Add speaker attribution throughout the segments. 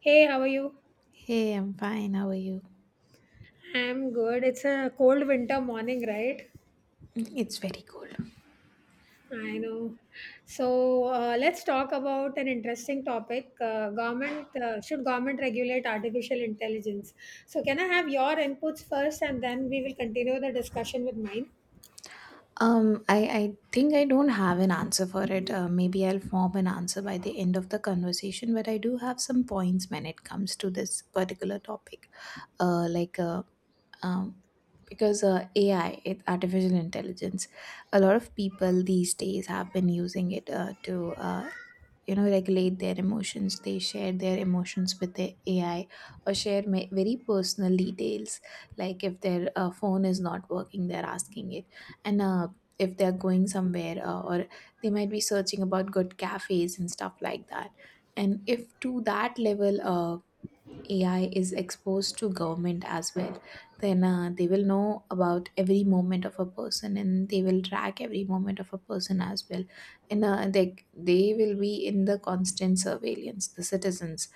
Speaker 1: Hey, how are you?
Speaker 2: Hey, I'm fine. How are you?
Speaker 1: I'm good. It's a cold winter morning, right?
Speaker 2: Mm, it's very cold.
Speaker 1: I know. So let's talk about an interesting topic. Government, should government regulate artificial intelligence? So can I have your inputs first, and then we will continue the discussion with mine?
Speaker 2: I think I don't have an answer for it. Maybe I'll form an answer by the end of the conversation, but I do have some points when it comes to this particular topic. Like, um, because AI, artificial intelligence, a lot of people these days have been using it to regulate their emotions. They share their emotions with the ai, or share very personal details, like if their phone is not working, they're asking it. And if they're going somewhere or they might be searching about good cafes and stuff like that, and if to that level, AI is exposed to government as well, then they will know about every moment of a person, and they will track every moment of a person as well. And they will be in the constant surveillance. The citizens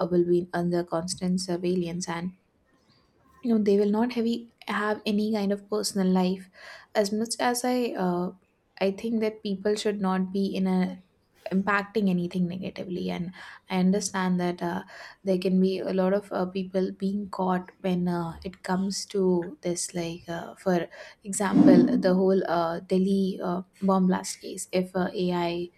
Speaker 2: uh, will be under constant surveillance, and you know they will not have any kind of personal life. As much as I think that people should not be in a, impacting anything negatively. And I understand that there can be a lot of people being caught when it comes to this, like for example, the whole Delhi bomb blast case. If ai,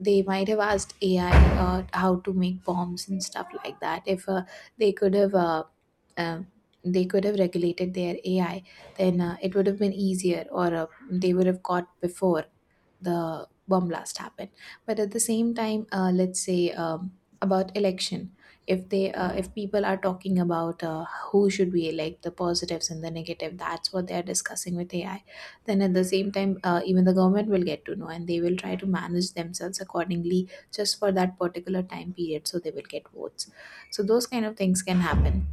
Speaker 2: they might have asked ai how to make bombs and stuff like that, if they could have uh, uh, they could have regulated their ai, then it would have been easier, or they would have caught before the bomb blast happened. But at the same time, let's say about election, if they if people are talking about who should we elect, the positives and the negative, that's what they are discussing with ai, then at the same time, even the government will get to know and they will try to manage themselves accordingly just for that particular time period, so they will get votes. So those kind of things can happen.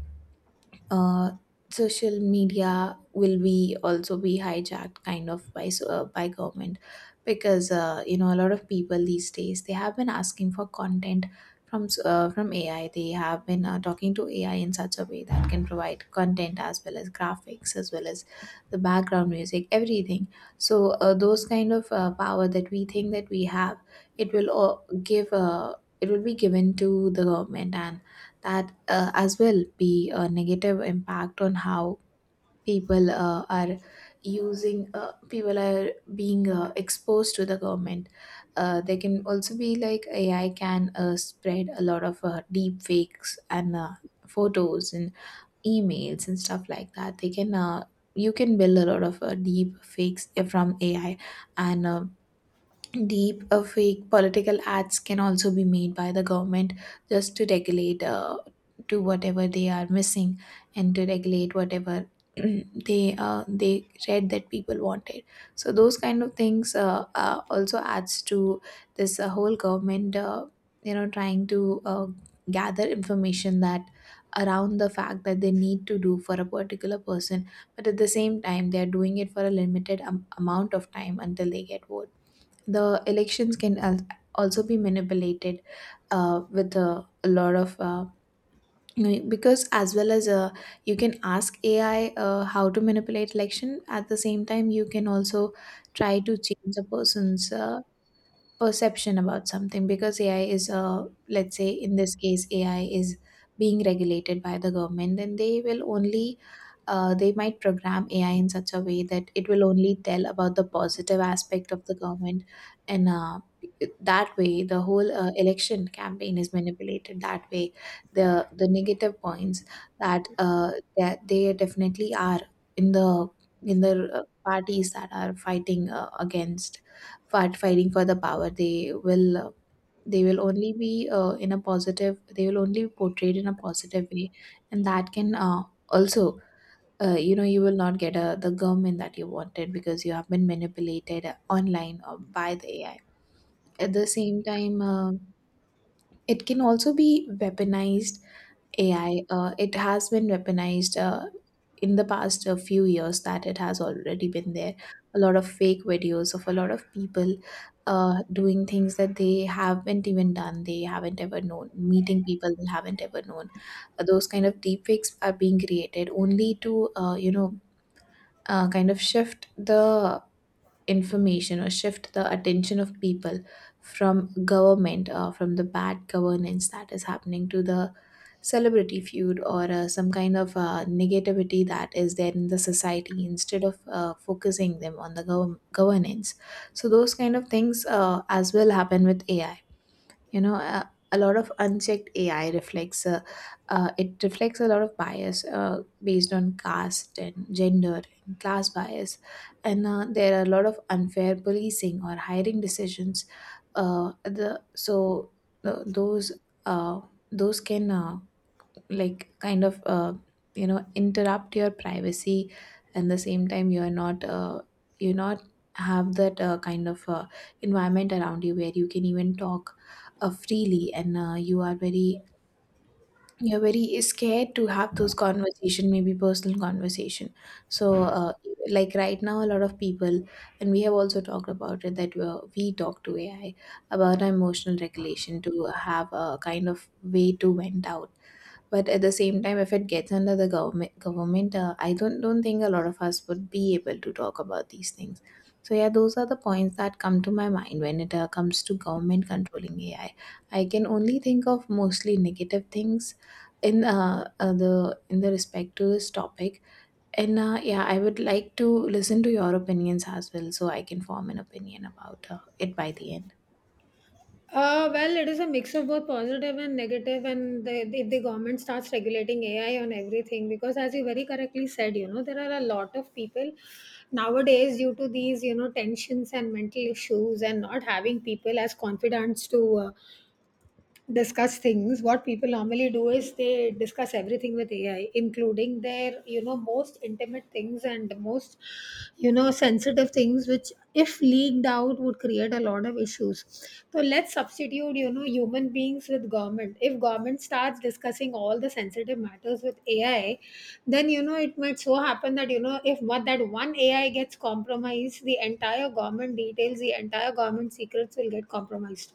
Speaker 2: uh, Social media will be also be hijacked kind of by government, because you know a lot of people these days they have been asking for content from AI. They have been talking to AI in such a way that can provide content as well as graphics as well as the background music, everything. So those kind of power that we think that we have, it will all give. It will be given to the government, and that as well be a negative impact on how people uh, are people are being exposed to the government. They can also be, like ai can spread a lot of deep fakes and photos and emails and stuff like that. They can you can build a lot of deep fakes from ai. And uh, deep uh, fake political ads can also be made by the government, just to regulate to whatever they are missing, and to regulate whatever they read that people wanted. So those kind of things also adds to this whole government, you know, trying to gather information that around the fact that they need to do for a particular person. But at the same time, they are doing it for a limited amount of time until they get vote. The elections can also be manipulated, with a lot of, you know, because as well as you can ask ai how to manipulate election. At the same time, you can also try to change a person's perception about something, because AI is let's say in this case AI is being regulated by the government, and they will only they might program AI in such a way that it will only tell about the positive aspect of the government. And that way the whole election campaign is manipulated. That way the negative points that they definitely are in the parties that are fighting against fight fighting for the power, they will, they will only be in a positive, they will only be portrayed in a positive way. And that can also, you know, you will not get the government that you wanted, because you have been manipulated online or by the ai. At the same time, it can also be weaponized. AI, it has been weaponized in the past few years, that it has already been there. A lot of fake videos of a lot of people doing things that they haven't even done, they haven't ever known, meeting people they haven't ever known. Those kind of deepfakes are being created only to, kind of shift the information or shift the attention of people from government or from the bad governance that is happening, to the celebrity feud or some kind of negativity that is there in the society, instead of focusing them on the governance. So those kind of things as well happen with ai. You know, a lot of unchecked ai reflects it reflects a lot of bias based on caste and gender and class bias. And there are a lot of unfair policing or hiring decisions. The so th- uh, those can like kind of uh, you know, interrupt your privacy. And the same time, you are not, you not have that kind of environment around you where you can even talk freely, and you are very you're very scared to have those conversation, maybe personal conversation. So like right now a lot of people, and we have also talked about it, that we talk to ai about our emotional regulation, to have a kind of way to vent out. But at the same time, if it gets under the government, I don't think a lot of us would be able to talk about these things. So yeah, those are the points that come to my mind when it comes to government controlling AI. I can only think of mostly negative things in the respect to this topic. And yeah, I would like to listen to your opinions as well, so I can form an opinion about it by the end.
Speaker 1: Well, it is a mix of both positive and negative, and if the government starts regulating AI on everything, because as you very correctly said, you know, there are a lot of people nowadays due to these, you know, tensions and mental issues and not having people as confidants to discuss things, what people normally do is they discuss everything with ai, including their, you know, most intimate things and most, you know, sensitive things which, if leaked out, would create a lot of issues. So let's substitute, you know, human beings with government. If government starts discussing all the sensitive matters with ai, then, you know, it might so happen that, you know, if what that one ai gets compromised, the entire government details, the entire government secrets will get compromised.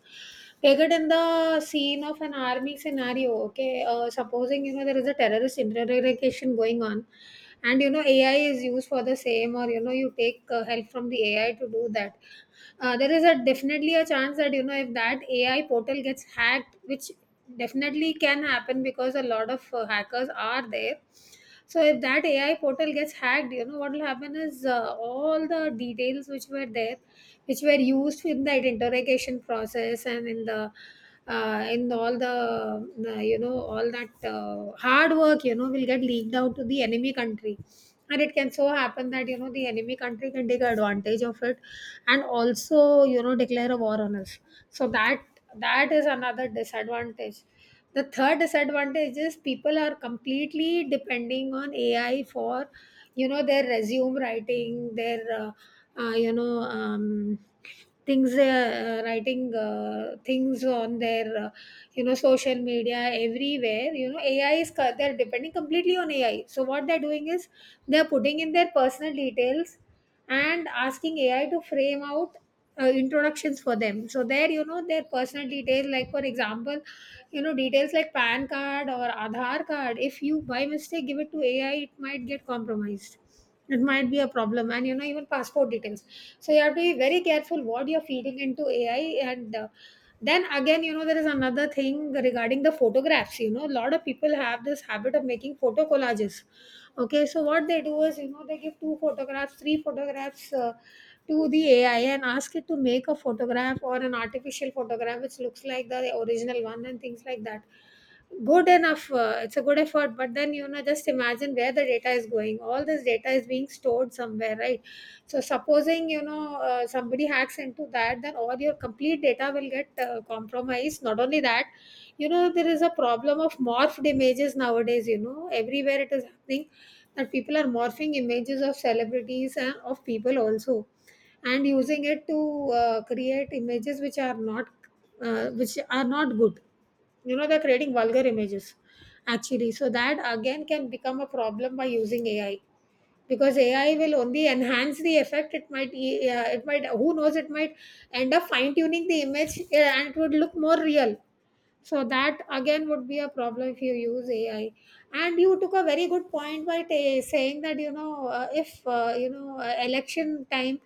Speaker 1: Take it in the scene of an army scenario, okay? Supposing, you know, there is a terrorist interrogation going on and, you know, AI is used for the same or, you know, you take help from the AI to do that. There is a definitely a chance that, you know, if that AI portal gets hacked, which definitely can happen because a lot of hackers are there. So if that AI portal gets hacked, you know what will happen is, all the details which were there, which were used in that interrogation process and in the in all the you know, all that hard work, you know, will get leaked out to the enemy country, and it can so happen that, you know, the enemy country can take advantage of it and also, you know, declare a war on us. So that is another disadvantage. The third disadvantage is people are completely depending on AI for, you know, their resume writing, their, uh, you know, um, things they are writing, things on their, you know, social media. Everywhere, you know, they're depending completely on ai. So what they're doing is they're putting in their personal details and asking AI to frame out introductions for them. So there, you know, their personal details, like, for example, you know, details like PAN card or Aadhaar card. If you by mistake give it to AI, it might get compromised. It might be a problem, and, you know, even passport details. So you have to be very careful what you're feeding into AI and. Then again, you know, there is another thing regarding the photographs. You know, a lot of people have this habit of making photo collages. Okay, so what they do is, you know, they give two photographs, three photographs, to the AI and ask it to make a photograph or an artificial photograph which looks like the original one and things like that. Good enough, it's a good effort, but then, you know, just imagine where the data is going. All this data is being stored somewhere, right? So, supposing, you know, somebody hacks into that, then all your complete data will get compromised. Not only that, you know, there is a problem of morphed images nowadays, you know, everywhere it is happening that people are morphing images of celebrities and of people also, and using it to create images which are not, which are not good. You know, they're creating vulgar images, actually. So that again can become a problem by using ai, because ai will only enhance the effect. It might it might, who knows, it might end up fine tuning the image, and it would look more real. So that again would be a problem if you use ai. And you took a very good point by ta saying that, you know, if you know, election time,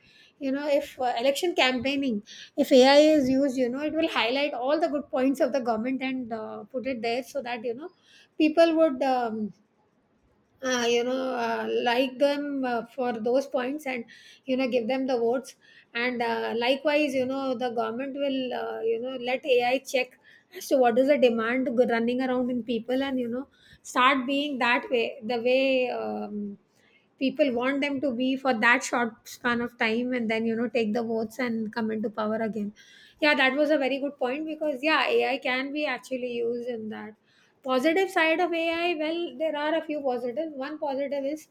Speaker 1: you know, if, election campaigning, if ai is used, you know, it will highlight all the good points of the government and, put it there, so that, you know, people would, you know, like them, for those points, and, you know, give them the votes. And, likewise, you know, the government will, you know, let ai check as to what is the demand running around in people, and, you know, start being that way, the way, people want them to be for that short span of time, and then, you know, take the votes and come into power again. Yeah, that was a very good point, because, yeah, ai can be actually used in that. Positive side of AI, well, there are a few positives. One positive is,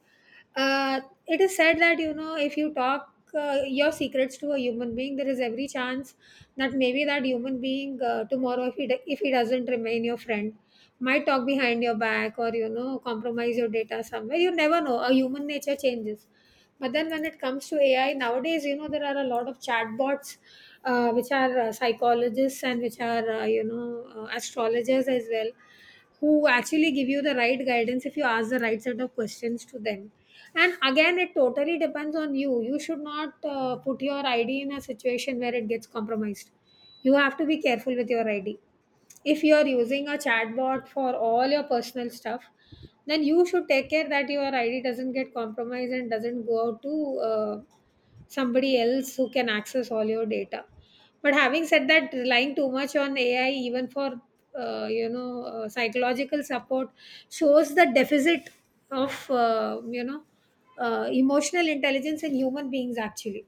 Speaker 1: uh, it is said that, you know, if you talk your secrets to a human being, there is every chance that maybe that human being, tomorrow, if he doesn't remain your friend, might talk behind your back or, you know, compromise your data somewhere. You never know. A human nature changes. But then when it comes to AI, nowadays, you know, there are a lot of chatbots which are psychologists and which are, you know, astrologers as well, who actually give you the right guidance if you ask the right set of questions to them. And again, it totally depends on you. You should not put your id in a situation where it gets compromised. You have to be careful with your id. If you are using a chatbot for all your personal stuff, then you should take care that your id doesn't get compromised and doesn't go out to somebody else who can access all your data. But having said that, relying too much on ai, even for you know, psychological support, shows the deficit of, you know, emotional intelligence in human beings, actually,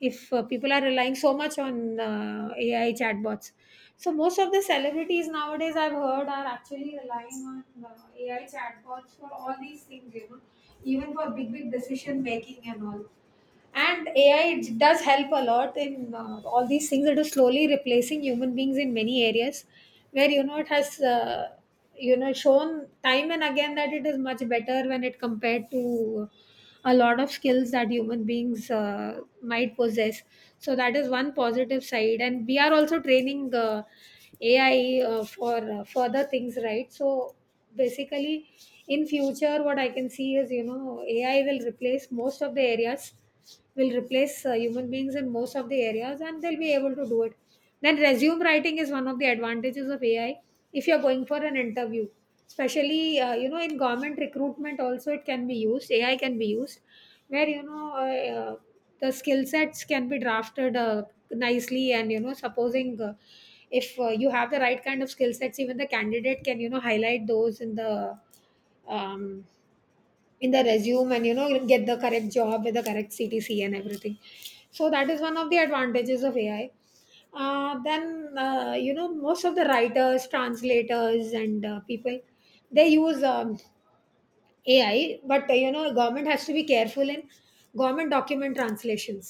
Speaker 1: if, people are relying so much on AI chatbots. So most of the celebrities nowadays I've heard are actually relying on AI chatbots for all these things, you know, even for big big decision making and all. And AI does help a lot in all these things. It is slowly replacing human beings in many areas, where, you know, it has, you know, shown time and again that it is much better when it compared to a lot of skills that human beings might possess. So that is one positive side, and we are also training, ai for further things, right? So basically, in future, what I can see is, you know, ai will replace most of the areas, will replace human beings in most of the areas, and they'll be able to do it. Then resume writing is one of the advantages of ai. If you're going for an interview, especially, you know, in government recruitment also, it can be used. Ai can be used where, you know, the skill sets can be drafted nicely, and, you know, supposing if you have the right kind of skill sets, even the candidate can, you know, highlight those in the, um, in the resume, and, you know, you'll get the correct job with the correct ctc and everything. So that is one of the advantages of ai. Then you know, most of the writers, translators and, people, they use, AI, but, you know, government has to be careful in government document translations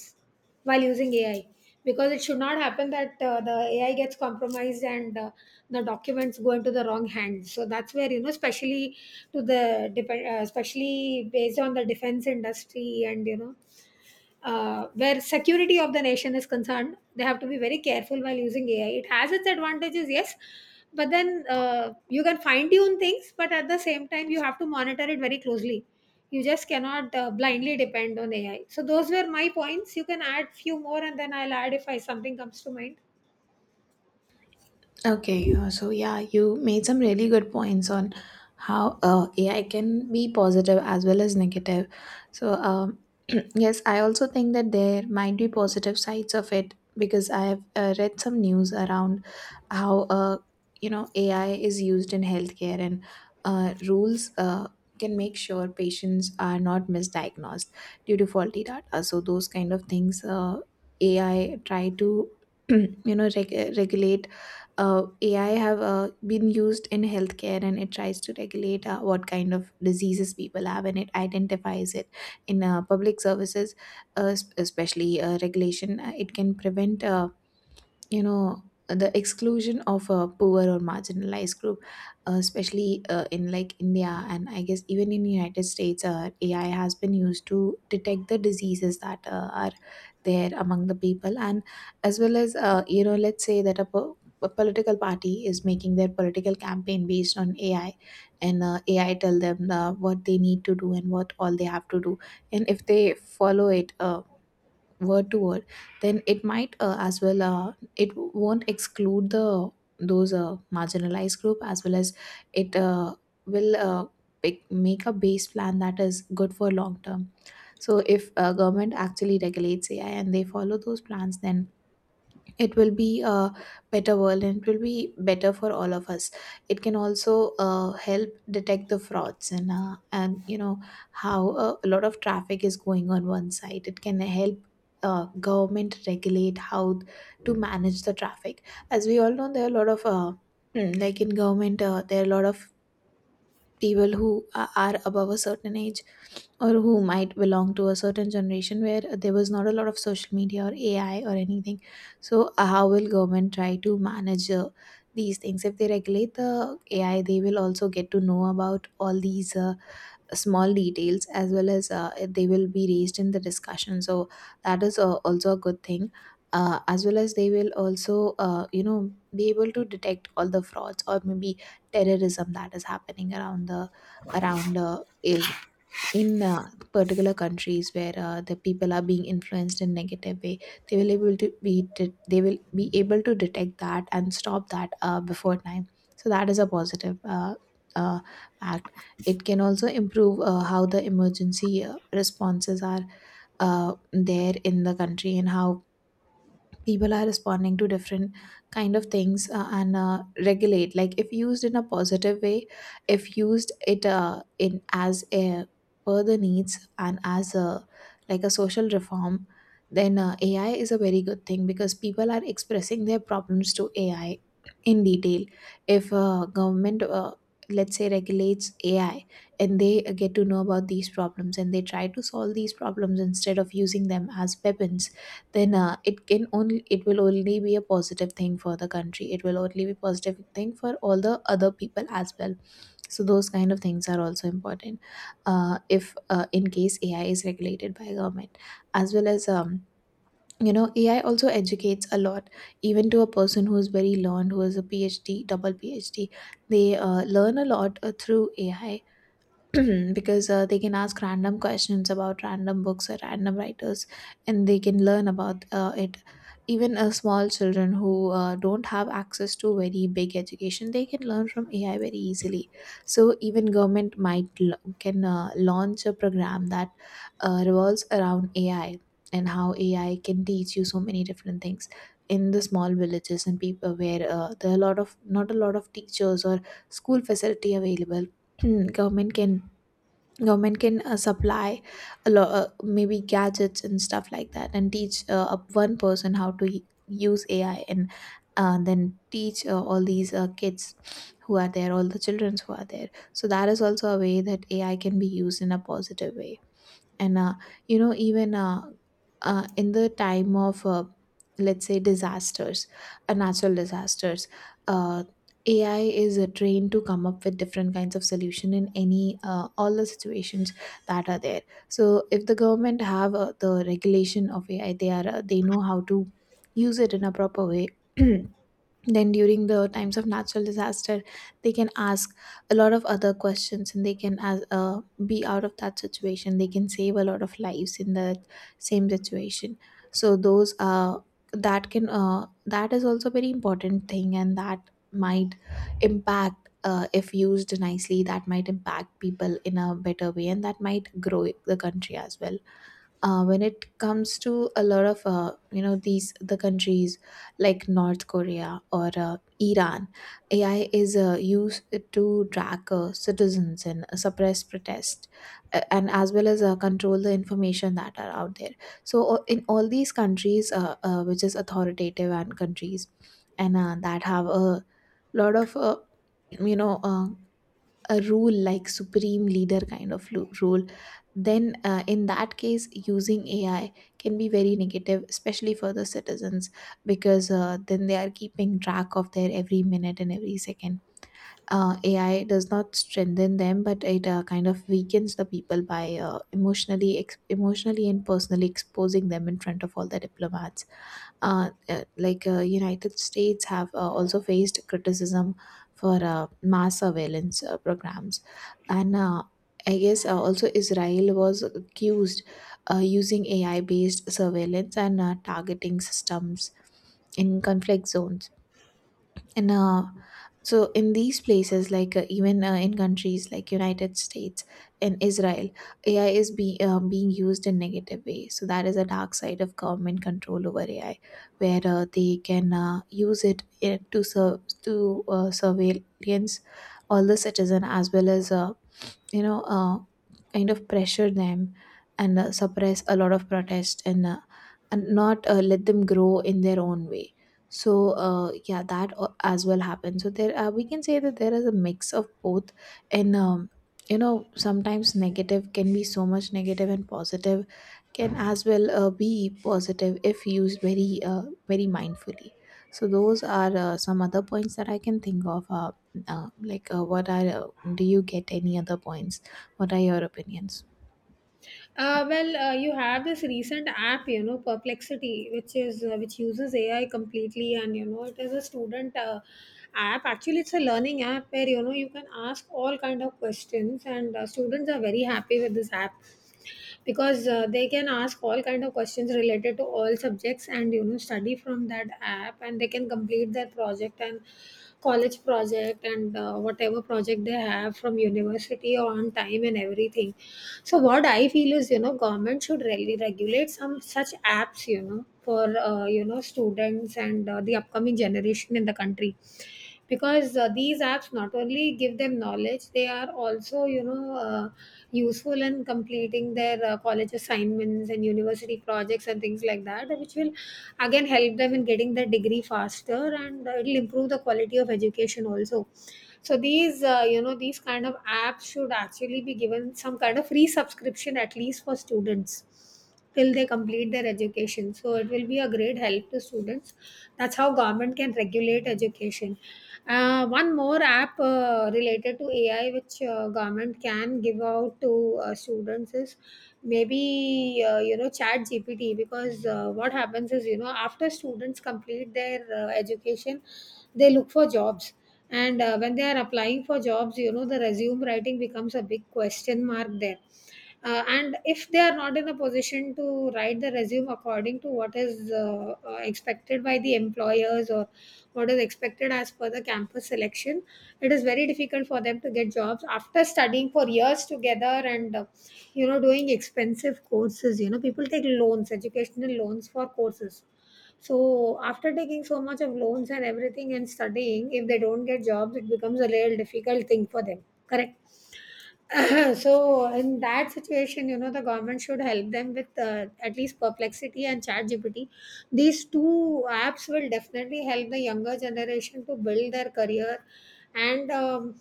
Speaker 1: while using AI, because it should not happen that, the AI gets compromised, and, the documents go into the wrong hands. So that's where, you know, especially especially based on the defense industry, and, you know, where security of the nation is concerned, they have to be very careful while using AI. It has its advantages, yes, but then, you can fine tune things, but at the same time, you have to monitor it very closely. You just cannot blindly depend on AI. So those were my points. You can add few more, and then I'll add if I something comes to mind.
Speaker 2: Okay, so yeah, you made some really good points on how AI can be positive as well as negative. So, yes, I also think that there might be positive sides of it, because I've read some news around how you know AI is used in healthcare, and rules can make sure patients are not misdiagnosed due to faulty data. So those kind of things, AI try to you know regulate, AI have been used in healthcare, and it tries to regulate what kind of diseases people have, and it identifies it. In public services, especially regulation, it can prevent you know the exclusion of a poor or marginalized group, especially in like India and I guess even in United States, ai has been used to detect the diseases that are there among the people. And as well as, you know, let's say that a political party is making their political campaign based on ai, and ai tell them what they need to do and what all they have to do. And if they follow it word to word, then it might as well, it won't exclude the those marginalized group. As well as it will pick, make a base plan that is good for long term. So if government actually regulates ai and they follow those plans, then it will be a better world, and it will be better for all of us. It can also help detect the frauds, and and you know, how a lot of traffic is going on one side, it can help government regulate how to manage the traffic. As we all know, there are a lot of like in government, there are a lot of people who are above a certain age, or who might belong to a certain generation where there was not a lot of social media or AI or anything. So, how will government try to manage these things? If they regulate the AI, they will also get to know about all these small details, as well as they will be raised in the discussion. So, that is also a good thing. As well as they will also, be able to detect all the frauds or maybe terrorism that is happening around the around eh, in particular countries where the people are being influenced in negative way, they will be able to detect that and stop that before time. So that is a positive uh, act. It can also improve how the emergency responses are there in the country, and how people are responding to different kind of things, and regulate, like if used in a positive way, if used it in as a per the needs and as a like a social reform. Then AI is a very good thing, because people are expressing their problems to AI in detail. If government, let's say, regulates AI and they get to know about these problems and they try to solve these problems instead of using them as weapons, then it will only be a positive thing for the country. It will only be positive thing for all the other people as well. So those kind of things are also important, if in case AI is regulated by government. As well as, AI also educates a lot, even to a person who is very learned, who is a PhD, double PhD. They learn a lot through AI. Because they can ask random questions about random books or random writers, and they can learn about it. Even small children who don't have access to very big education, they can learn from AI very easily. So even government can launch a program that revolves around AI and how AI can teach you so many different things in the small villages and people where there are a lot of not a lot of teachers or school facility available. Government can, government can supply a lot maybe gadgets and stuff like that, and teach up one person how to use AI, and then teach all these kids who are there, all the children who are there. So that is also a way that AI can be used in a positive way. And you know even in the time of, let's say, disasters, natural disasters, uh, AI is trained to come up with different kinds of solution in any all the situations that are there. So if the government have the regulation of AI, they know how to use it in a proper way. Then during the times of natural disaster, they can ask a lot of other questions, and they can as be out of that situation, they can save a lot of lives in that same situation. So those that can That is also very important thing, and that might impact, if used nicely, that might impact people in a better way, and that might grow the country as well. When it comes to a lot of, these the countries like North Korea or Iran, AI is used to track citizens and suppress protest, and as well as control the information that are out there. So in all these countries, which is authoritative and countries and that have a lot of, you know uh, a rule like supreme leader kind of rule, then in that case using AI can be very negative, especially for the citizens, because then they are keeping track of their every minute and every second. AI does not strengthen them, but it kind of weakens the people by emotionally and personally exposing them in front of all the diplomats. United States have also faced criticism for mass surveillance programs, and I guess also Israel was accused using AI-based surveillance and targeting systems in conflict zones. And uh, so in these places, like even in countries like United States and Israel, AI is being used in negative ways. So that is a dark side of government control over AI, where they can use it to surveillance all the citizen, as well as, you know uh, kind of pressure them, and suppress a lot of protest, and not let them grow in their own way. So yeah, as well happens. So there we can say that there is a mix of both. And sometimes negative can be so much negative, and positive can as well be positive, if used very very mindfully. So those are some other points that I can think of. Like, what are? Do you get any other points? What are your opinions?
Speaker 1: Well, you have this recent app, you know, Perplexity, which is which uses AI completely, and, you know, it is a student app. Actually, it's a learning app where you know you can ask all kind of questions, and students are very happy with this app because they can ask all kind of questions related to all subjects, and you know, study from that app, and they can complete their project and college project and whatever project they have from university on time and everything. So what I feel is, you know, government should really regulate some such apps, you know, for you know, students and the upcoming generation in the country, because these apps not only give them knowledge, they are also, you know, useful in completing their college assignments and university projects and things like that, which will again help them in getting their degree faster, and it'll improve the quality of education also. So these you know, these kind of apps should actually be given some kind of free subscription, at least for students, till they complete their education, so it will be a great help to students. That's how government can regulate education. One more app related to ai which government can give out to students is maybe you know, chat gpt, because what happens is, you know, after students complete their education, they look for jobs. And when they are applying for jobs, you know, the resume writing becomes a big question mark there. And if they are not in a position to write the resume according to what is expected by the employers, or what is expected as per the campus selection, it is very difficult for them to get jobs after studying for years together, and you know, doing expensive courses. You know, people take loans, educational loans for courses, so after taking so much of loans and everything and studying, if they don't get jobs, it becomes a real difficult thing for them, correct? So in that situation, you know, the government should help them with at least perplexity and ChatGPT. These two apps will definitely help the younger generation to build their career. And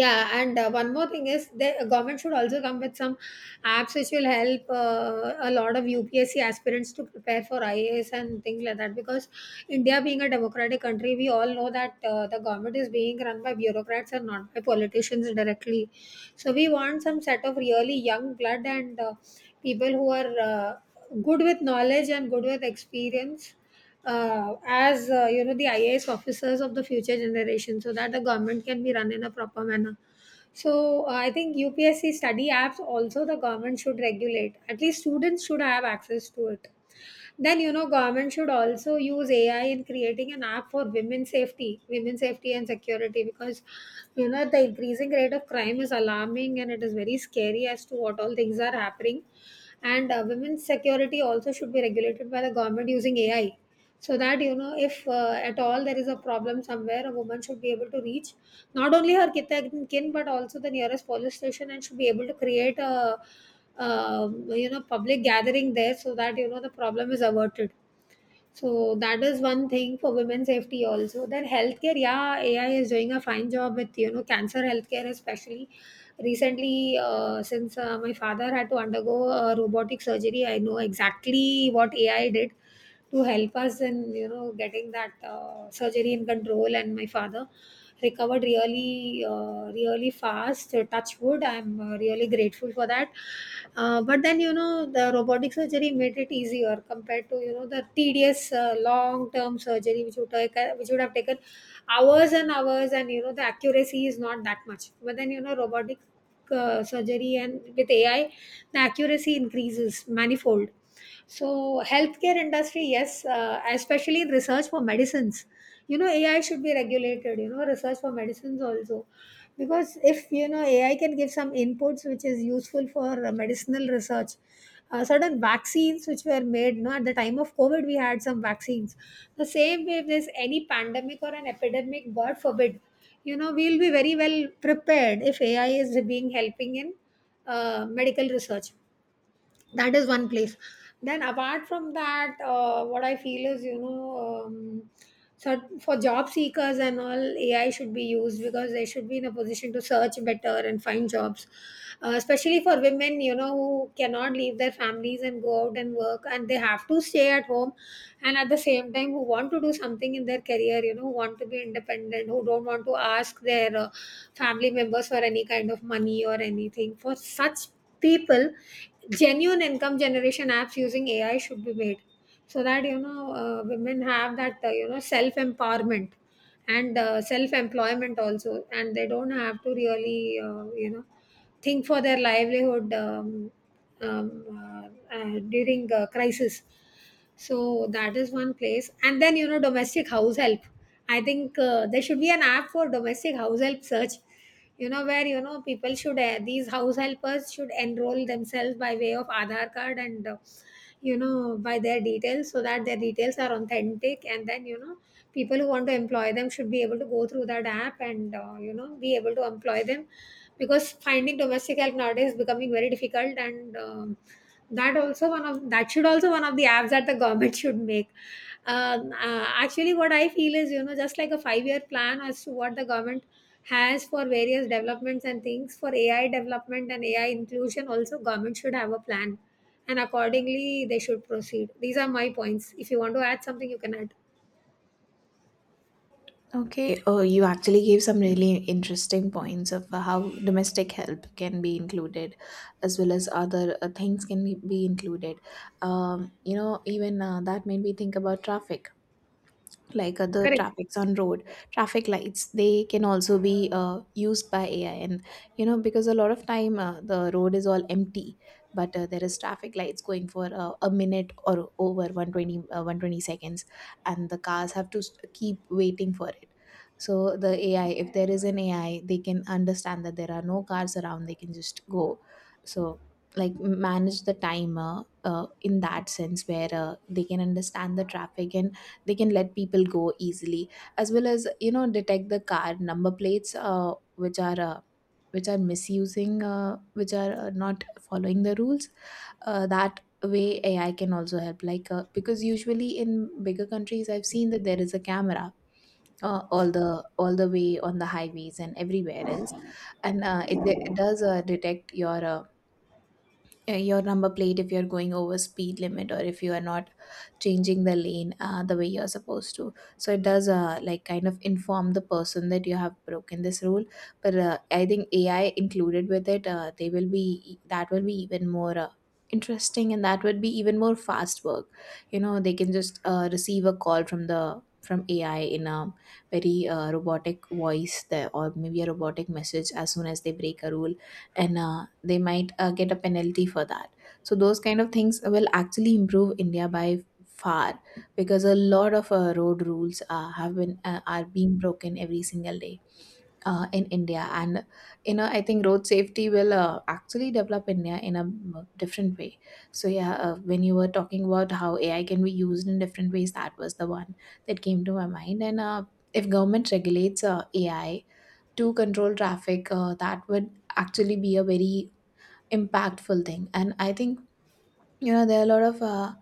Speaker 1: Yeah, and one more thing is the government should also come with some apps which will help a lot of UPSC aspirants to prepare for ias race and things like that, because india being a democratic country, we all know that the government is being run by bureaucrats and not by politicians directly. So we want some set of really young blood, and people who are good with knowledge and good with experience, as you know, the ias officers of the future generation, so that the government can be run in a proper manner. So I think UPSC study apps also the government should regulate. At least students should have access to it. Then, you know, government should also use AI in creating an app for women's safety and security, because you know, the increasing rate of crime is alarming and it is very scary as to what all things are happening. And women's security also should be regulated by the government using AI, so that you know, if at all there is a problem somewhere, a woman should be able to reach not only her kith and kin but also the nearest police station, and should be able to create a you know, public gathering there, so that you know, the problem is averted. So that is one thing for women's safety also. Then healthcare, yeah, AI is doing a fine job with, you know, cancer healthcare especially. Recently, since my father had to undergo robotic surgery, I know exactly what AI did to help us in, you know, getting that surgery in control, and my father recovered really really fast, touch wood, I'm really grateful for that. But then, you know, the robotic surgery made it easier compared to, you know, the tedious long term surgery which would take which would have taken hours and hours, and you know, the accuracy is not that much. But then, you know, robotic surgery and with ai, the accuracy increases manifold. So healthcare industry, yes, especially in research for medicines, you know, ai should be regulated, you know, research for medicines also. Because if you know, ai can give some inputs which is useful for medicinal research. Certain vaccines which were made, no, at the time of covid we had some vaccines. The same way, if there's any pandemic or an epidemic, god forbid, you know, we'll be very well prepared if ai is being helping in medical research. That is one place. Then apart from that, what I feel is, you know, so for job seekers and all, ai should be used, because they should be in a position to search better and find jobs. Especially for women, you know, who cannot leave their families and go out and work and they have to stay at home, and at the same time who want to do something in their career, you know, who want to be independent, who don't want to ask their family members for any kind of money or anything. For such people, genuine income generation apps using AI should be made, so that you know women have that you know, self empowerment and self employment also, and they don't have to really you know, think for their livelihood, during crisis. So that is one place. And then you know, domestic house help, I think there should be an app for domestic house help search, you know, where you know, people should these house helpers should enroll themselves by way of Aadhaar card, and you know, by their details, so that their details are authentic, and then you know, people who want to employ them should be able to go through that app and you know, be able to employ them, because finding domestic help nowadays is becoming very difficult. And That also one of that should also one of the apps that the government should make. Actually, what I feel is, you know, just like a 5 year plan as to what the government has for various developments and things, for ai development and ai inclusion also, government should have a plan, and accordingly they should proceed. These are my points. If you want to add something, you can add.
Speaker 2: Okay. Oh, you actually gave some really interesting points of how domestic help can be included, as well as other things can be included. You know, even that made me think about traffic, like the
Speaker 1: Correct.
Speaker 2: traffics on road, traffic lights. They can also be used by AI. And you know, because a lot of time the road is all empty, but there is traffic lights going for a minute or over 120, 120 seconds, and the cars have to keep waiting for it. So the AI, if there is an AI, they can understand that there are no cars around, they can just go. So like manage the timer in that sense, where they can understand the traffic and they can let people go easily. As well as, you know, detect the car number plates, which are misusing, which are not following the rules. That way AI can also help, because usually in bigger countries I've seen that there is a camera uh, all the all the way on the highways and everywhere else. And it does detect your, your number plate if you're going over speed limit, or if you are not changing the lane the way you're supposed to. So it does, like, kind of inform the person that you have broken this rule. But I think AI included with it, they will be e, that will be even more interesting, and that would be even more fast work. You know, they can just receive a call from the from AI in a very robotic voice there, or maybe a robotic message, as soon as they break a rule, and they might get a penalty for that. So those kind of things will actually improve India by far, because a lot of road rules have been are being broken every single day in India, and you know, I think road safety will actually develop India in a different way. So yeah, when you were talking about how AI can be used in different ways, that was the one that came to my mind. And if government regulates AI to control traffic, that would actually be a very impactful thing. And I think you know there are a lot of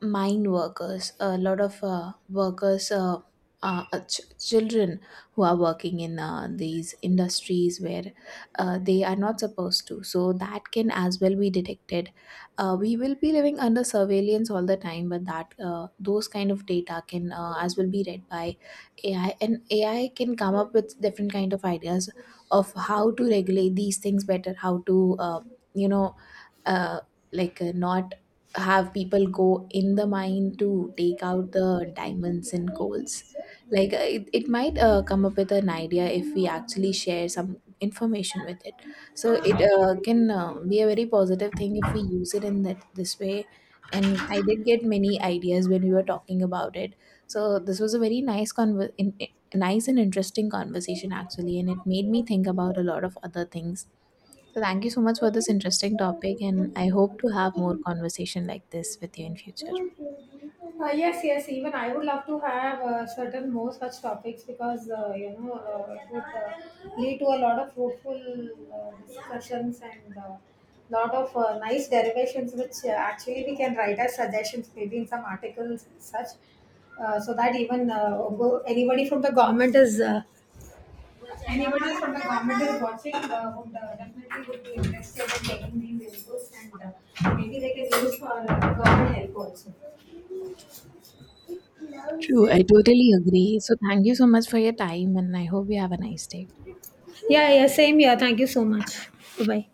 Speaker 2: mine workers, a lot of workers, children who are working in these industries where they are not supposed to, so that can as well be detected. We will be living under surveillance all the time, but that those kind of data can as well be read by AI, and AI can come up with different kind of ideas of how to regulate these things better, how to, you know uh, not have people go in the mine to take out the diamonds and coals. It might come up with an idea if we actually share some information with it. So it can be a very positive thing if we use it in that this way. And I did get many ideas when we were talking about it. So this was a very nice and interesting conversation actually, and it made me think about a lot of other things. So thank you so much for this interesting topic, and I hope to have more conversation like this with you in future.
Speaker 1: Yes, yes. Even I would love to have certain more such topics, because you know it would lead to a lot of fruitful discussions, and lot of nice derivations, which actually we can write as suggestions, maybe in some articles and such, so that even anybody from the government is anybody from the government is watching would definitely would be interested in taking these inputs, and maybe they can use for government help also.
Speaker 2: True, I totally agree. So thank you so much for your time, and I hope you have a nice day.
Speaker 1: Yeah, yeah, same here. Thank you so much. Bye bye.